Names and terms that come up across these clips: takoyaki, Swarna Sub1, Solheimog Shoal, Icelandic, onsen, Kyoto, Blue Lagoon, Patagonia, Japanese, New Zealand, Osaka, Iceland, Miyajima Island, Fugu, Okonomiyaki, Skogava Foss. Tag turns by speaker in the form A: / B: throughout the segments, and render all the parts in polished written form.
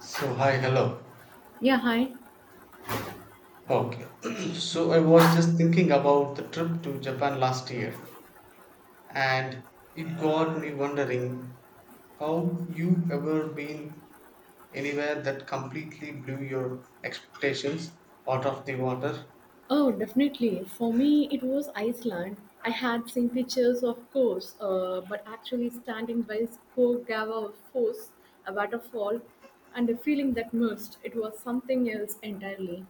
A: So hi, hello.
B: Yeah, hi.
A: Okay. So I was just thinking about the trip to Japan last year, and it got me wondering how you ever been anywhere that completely blew your expectations out of the water.
B: Oh, definitely. For me, it was Iceland. I had seen pictures, of course, but actually standing by Skogava Foss, a waterfall, and the feeling that immersed, it was something else entirely.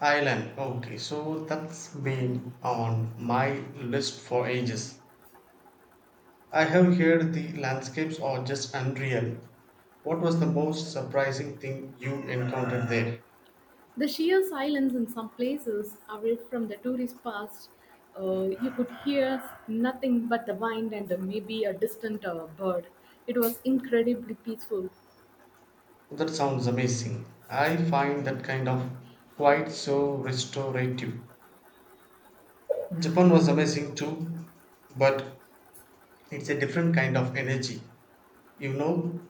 A: Thailand. Okay, so that's been on my list for ages. I have heard the landscapes are just unreal. What was the most surprising thing you encountered there?
B: The sheer silence in some places, away from the tourist past, you could hear nothing but the wind and maybe a distant bird. It was incredibly peaceful.
A: That sounds amazing. I find that kind of quite so restorative. Japan was amazing too, but it's a different kind of energy. You know,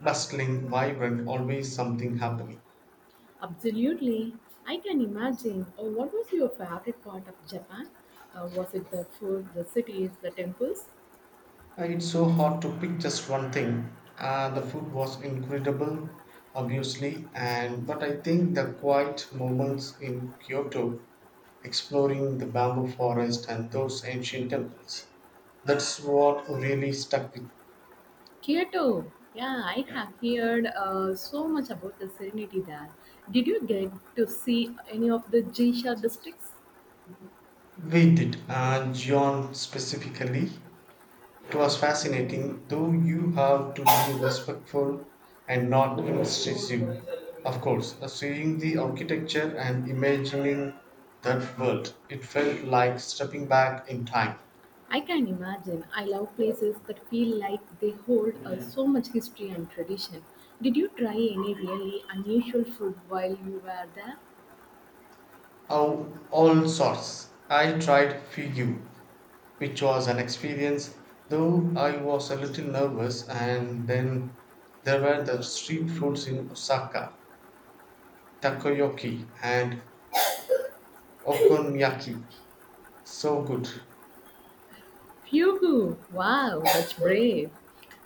A: bustling, vibrant, always something happening.
B: Absolutely. I can imagine. Oh, what was your favorite part of Japan? Was it the food, the cities, the temples?
A: It's so hard to pick just one thing. The food was incredible, obviously, and but I think the quiet moments in Kyoto, exploring the bamboo forest and those ancient temples, that's what really stuck with.
B: Kyoto. Yeah, I have heard so much about the serenity there. Did you get to see any of the Geisha districts?
A: We did, John specifically. It was fascinating, though you have to be respectful and not intrusive. Of course, seeing the architecture and imagining that world, it felt like stepping back in time.
B: I can imagine. I love places that feel like they hold so much history and tradition. Did you try any really unusual food while you were there?
A: Of all sorts, I tried Fugu, which was an experience, though I was a little nervous, and then there were the street foods in Osaka, takoyaki, and Okonomiyaki. So good.
B: Phew, wow, that's brave.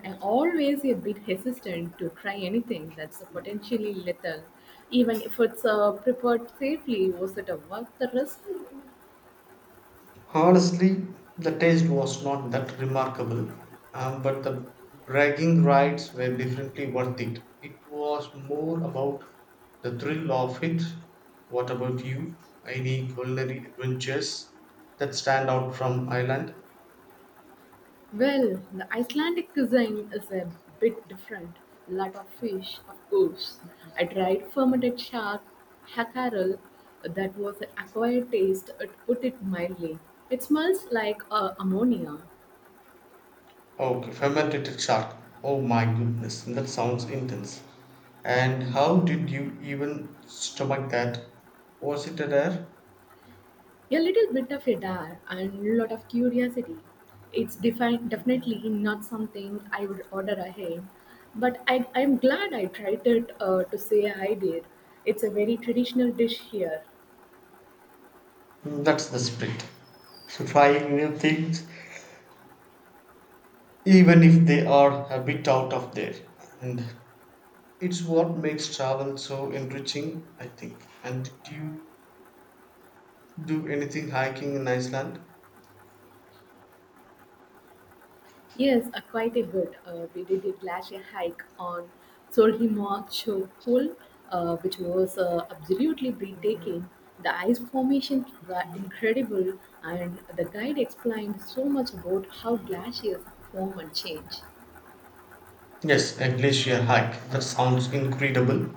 B: I'm always a bit hesitant to try anything that's potentially lethal, even if it's prepared safely. Was it a worth the risk?
A: Honestly, the taste was not that remarkable, but the bragging rights were definitely worth it. It was more about the thrill of it. What about you? Any culinary adventures that stand out from Ireland?
B: Well, the Icelandic cuisine is a bit different. Lot of fish, of course. I tried fermented shark hackerel that was an acquired taste, it put it mildly. It smells like ammonia.
A: Okay, fermented shark. Oh my goodness, that sounds intense. And how did you even stomach that? Was it a dare?
B: A little bit of a dare and a lot of curiosity. It's definitely not something I would order ahead, but I'm glad I tried it to say I did. It's a very traditional dish here.
A: That's the spirit. Trying new things, even if they are a bit out of there. And it's what makes travel so enriching, I think. And did you do anything hiking in Iceland?
B: Yes, quite a bit. We did a glacier hike on Solheimog Shoal, which was absolutely breathtaking. The ice formations were incredible, and the guide explained so much about how glaciers form and change.
A: Yes, a glacier hike. That sounds incredible.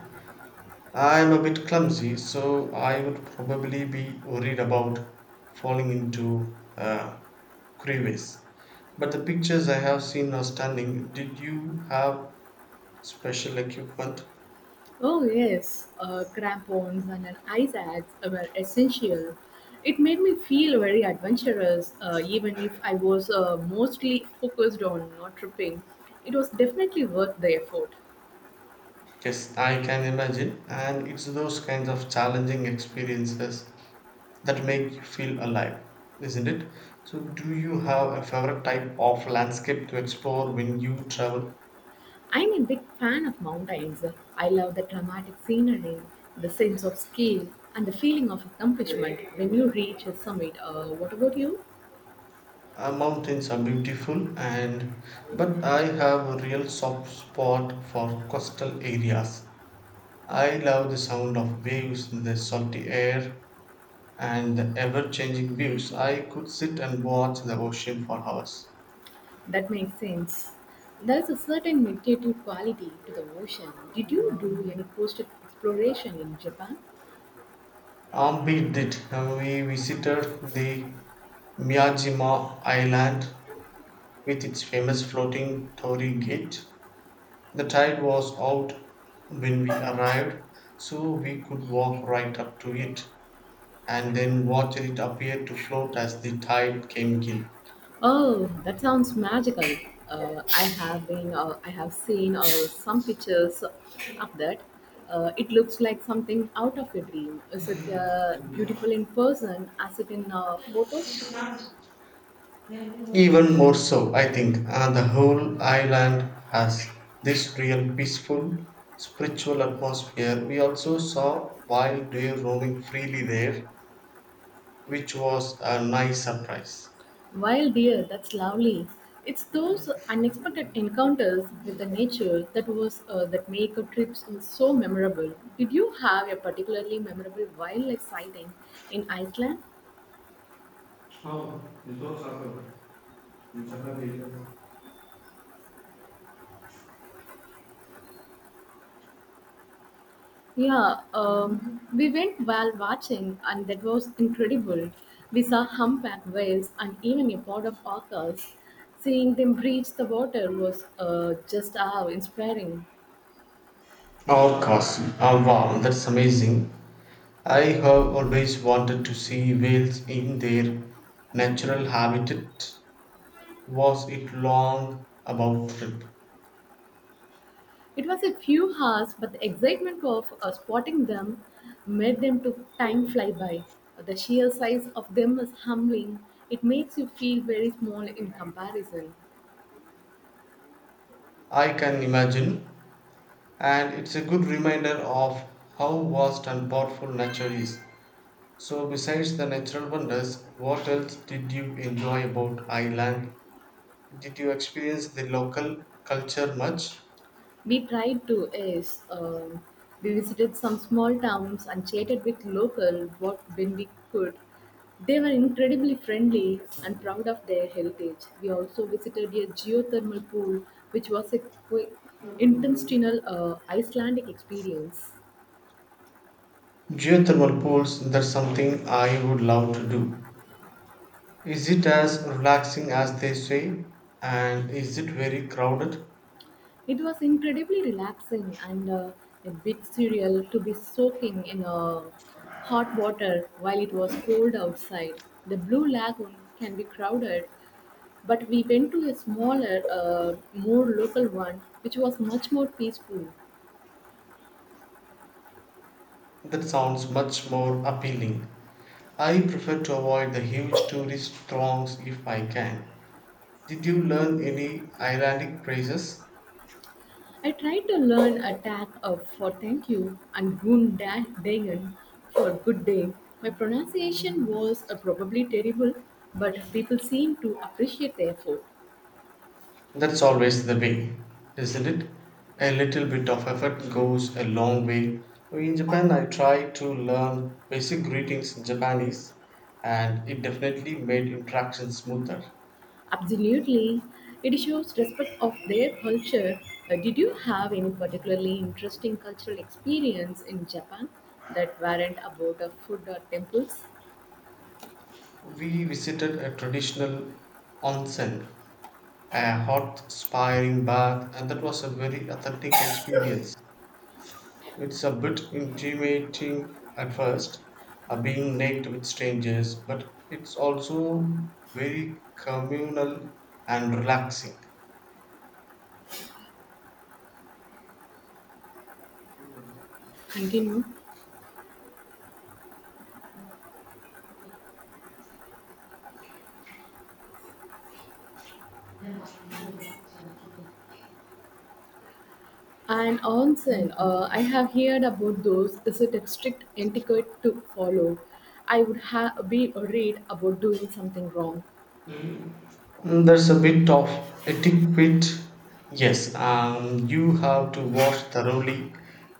A: I'm a bit clumsy, so I would probably be worried about falling into a crevice. But the pictures I have seen are stunning. Did you have special equipment?
B: Oh, yes, crampons and an ice axe were essential. It made me feel very adventurous, even if I was mostly focused on not tripping. It was definitely worth the effort.
A: Yes, I can imagine. And it's those kinds of challenging experiences that make you feel alive, isn't it? So, do you have a favorite type of landscape to explore when you travel?
B: I'm a big fan of mountains. I love the dramatic scenery, the sense of scale, and the feeling of accomplishment when you reach a summit. What about you?
A: Mountains are beautiful, and but I have a real soft spot for coastal areas. I love the sound of waves, the salty air, and the ever changing views. I could sit and watch the ocean for hours.
B: That makes sense. There is a certain meditative quality to the ocean. Did you do any coastal exploration in Japan?
A: Armpit did. We visited the Miyajima Island with its famous floating torii gate. The tide was out when we arrived, so we could walk right up to it and then watch it appear to float as the tide came in.
B: Oh, that sounds magical. I have seen some pictures of that. It looks like something out of a dream. Is it beautiful in person as it in photos?
A: Even more so, I think, the whole island has this real peaceful spiritual atmosphere. We also saw wild deer roaming freely there which was a nice surprise.
B: Wild deer, that's lovely. It's those unexpected encounters with the nature that was that make a trip so memorable. Did you have a particularly memorable wildlife sighting in Iceland?
A: Oh, it was awkward. In Japan.
B: Yeah, we went while watching, and that was incredible. We saw humpback whales and even a pod of orcas. Seeing them breach the water was just awe inspiring.
A: Of course. Oh wow, that's amazing. I have always wanted to see whales in their natural habitat. Was it long about trip?
B: It was a few hours, but the excitement of spotting them made them to time fly by. The sheer size of them is humbling. It makes you feel very small in comparison.
A: I can imagine. And it's a good reminder of how vast and powerful nature is. So besides the natural wonders, what else did you enjoy about Ireland? Did you experience the local culture much?
B: We tried to yes, we visited some small towns and chatted with local what when we could. They were incredibly friendly and proud of their heritage. We also visited a geothermal pool, which was a quick, intentional Icelandic experience.
A: Geothermal pools, that's something I would love to do. Is it as relaxing as they say? And is it very crowded?
B: It was incredibly relaxing and a bit surreal to be soaking in hot water while it was cold outside. The Blue Lagoon can be crowded, but we went to a smaller, more local one, which was much more peaceful.
A: That sounds much more appealing. I prefer to avoid the huge tourist throngs if I can. Did you learn any Icelandic phrases?
B: I tried to learn a tag of for thank you and Dagen for good day. My pronunciation was probably terrible, but people seemed to appreciate the effort.
A: That's always the way, isn't it? A little bit of effort goes a long way. In Japan, I tried to learn basic greetings in Japanese, and it definitely made interaction smoother.
B: Absolutely. It shows respect of their culture. Did you have any particularly interesting cultural experience in Japan that weren't about the food or temples?
A: We visited a traditional onsen, a hot, spiraling bath, and that was a very authentic experience. It's a bit intimidating at first, being naked with strangers, but it's also very communal and relaxing.
B: Continue. And onsen, I have heard about those. Is it a strict etiquette to follow? I would have be worried about doing something wrong.
A: Mm, there's a bit of etiquette. Yes, you have to wash thoroughly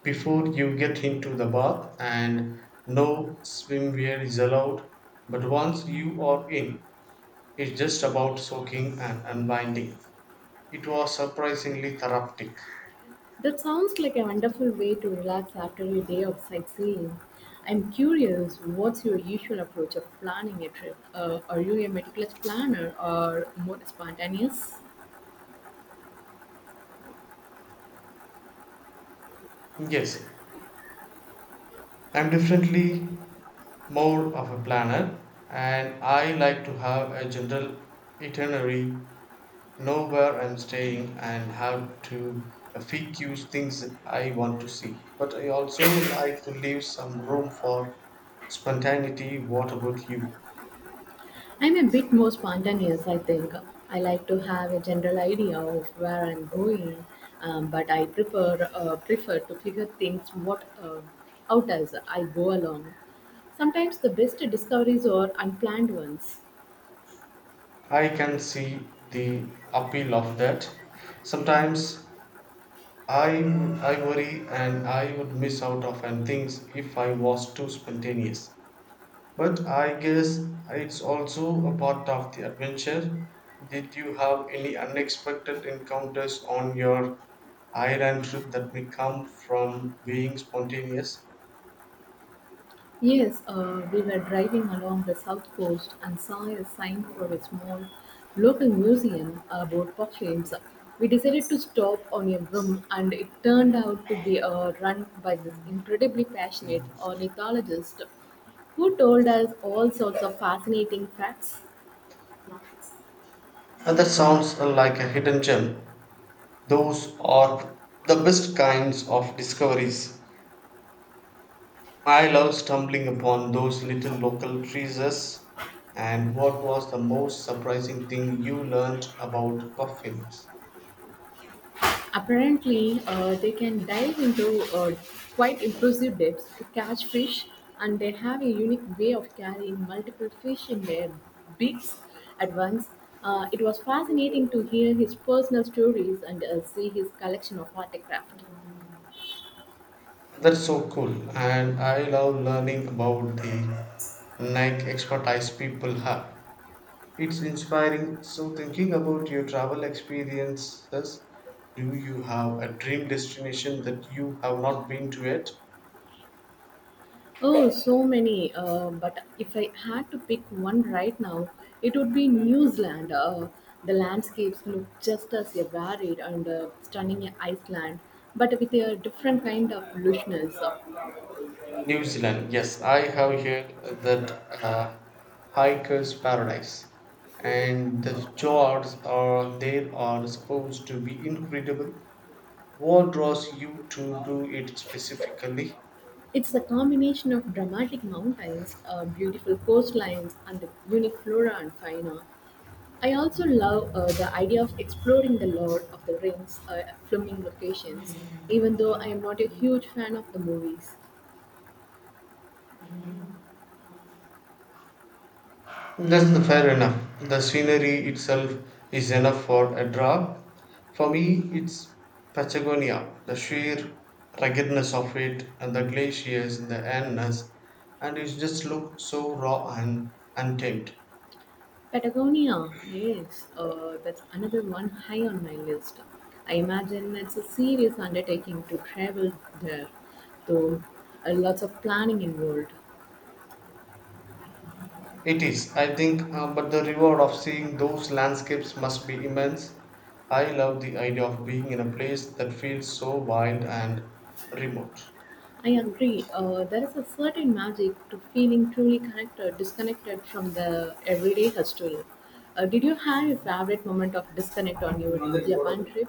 A: before you get into the bath, and no swimwear is allowed. But once you are in, it's just about soaking and unwinding. It was surprisingly therapeutic.
B: That sounds like a wonderful way to relax after a day of sightseeing. I'm curious, what's your usual approach of planning a trip? Are you a meticulous planner or more spontaneous?
A: Yes, I'm definitely more of a planner and I like to have a general itinerary, know where I'm staying and how to a few things that I want to see. But I also like to leave some room for spontaneity. What about you?
B: I'm a bit more spontaneous, I think. I like to have a general idea of where I'm going, but I prefer prefer to figure things what out as I go along. Sometimes the best discoveries are unplanned ones.
A: I can see the appeal of that. Sometimes I, I worry and I would miss out of and things if I was too spontaneous. But I guess it's also a part of the adventure. Did you have any unexpected encounters on your island trip that may come from being spontaneous?
B: Yes, we were driving along the south coast and saw a sign for a small local museum about perfumes. We decided to stop on a whim, and it turned out to be run by this incredibly passionate ornithologist who told us all sorts of fascinating facts.
A: And that sounds like a hidden gem. Those are the best kinds of discoveries. I love stumbling upon those little local treasures. And what was the most surprising thing you learned about puffins?
B: Apparently, they can dive into quite impressive depths to catch fish, and they have a unique way of carrying multiple fish in their beaks at once. It was fascinating to hear his personal stories and see his collection of artifacts.
A: That's so cool, and I love learning about the niche expertise people have. It's inspiring. So, thinking about your travel experiences, do you have a dream destination that you have not been to yet?
B: Oh, so many. But if I had to pick one right now, it would be New Zealand. The landscapes look just as varied and stunning in Iceland, but with a different kind of lushness.
A: New Zealand, yes, I have heard that uh, hikers' paradise, and the fjords are there are supposed to be incredible. What draws you to do it specifically?
B: It's a combination of dramatic mountains, beautiful coastlines, and the unique flora and fauna. I also love the idea of exploring the Lord of the Rings filming locations, even though I am not a huge fan of the movies.
A: That's the fair enough. The scenery itself is enough for a draw. For me, it's Patagonia, the sheer ruggedness of it, and the glaciers and the endless, and it just looks so raw and untamed.
B: Patagonia, yes, that's another one high on my list. I imagine it's a serious undertaking to travel there, though lots of planning involved.
A: It is, I think, but the reward of seeing those landscapes must be immense. I love the idea of being in a place that feels so wild and remote.
B: I agree, there is a certain magic to feeling truly connected, disconnected from the everyday hustle. Did you have a favorite moment of disconnect on your Japan trip?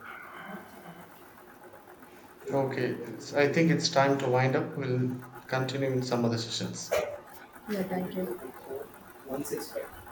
A: Okay, it's, I think it's time to wind up. We'll continue in some other sessions.
B: Yeah, thank you.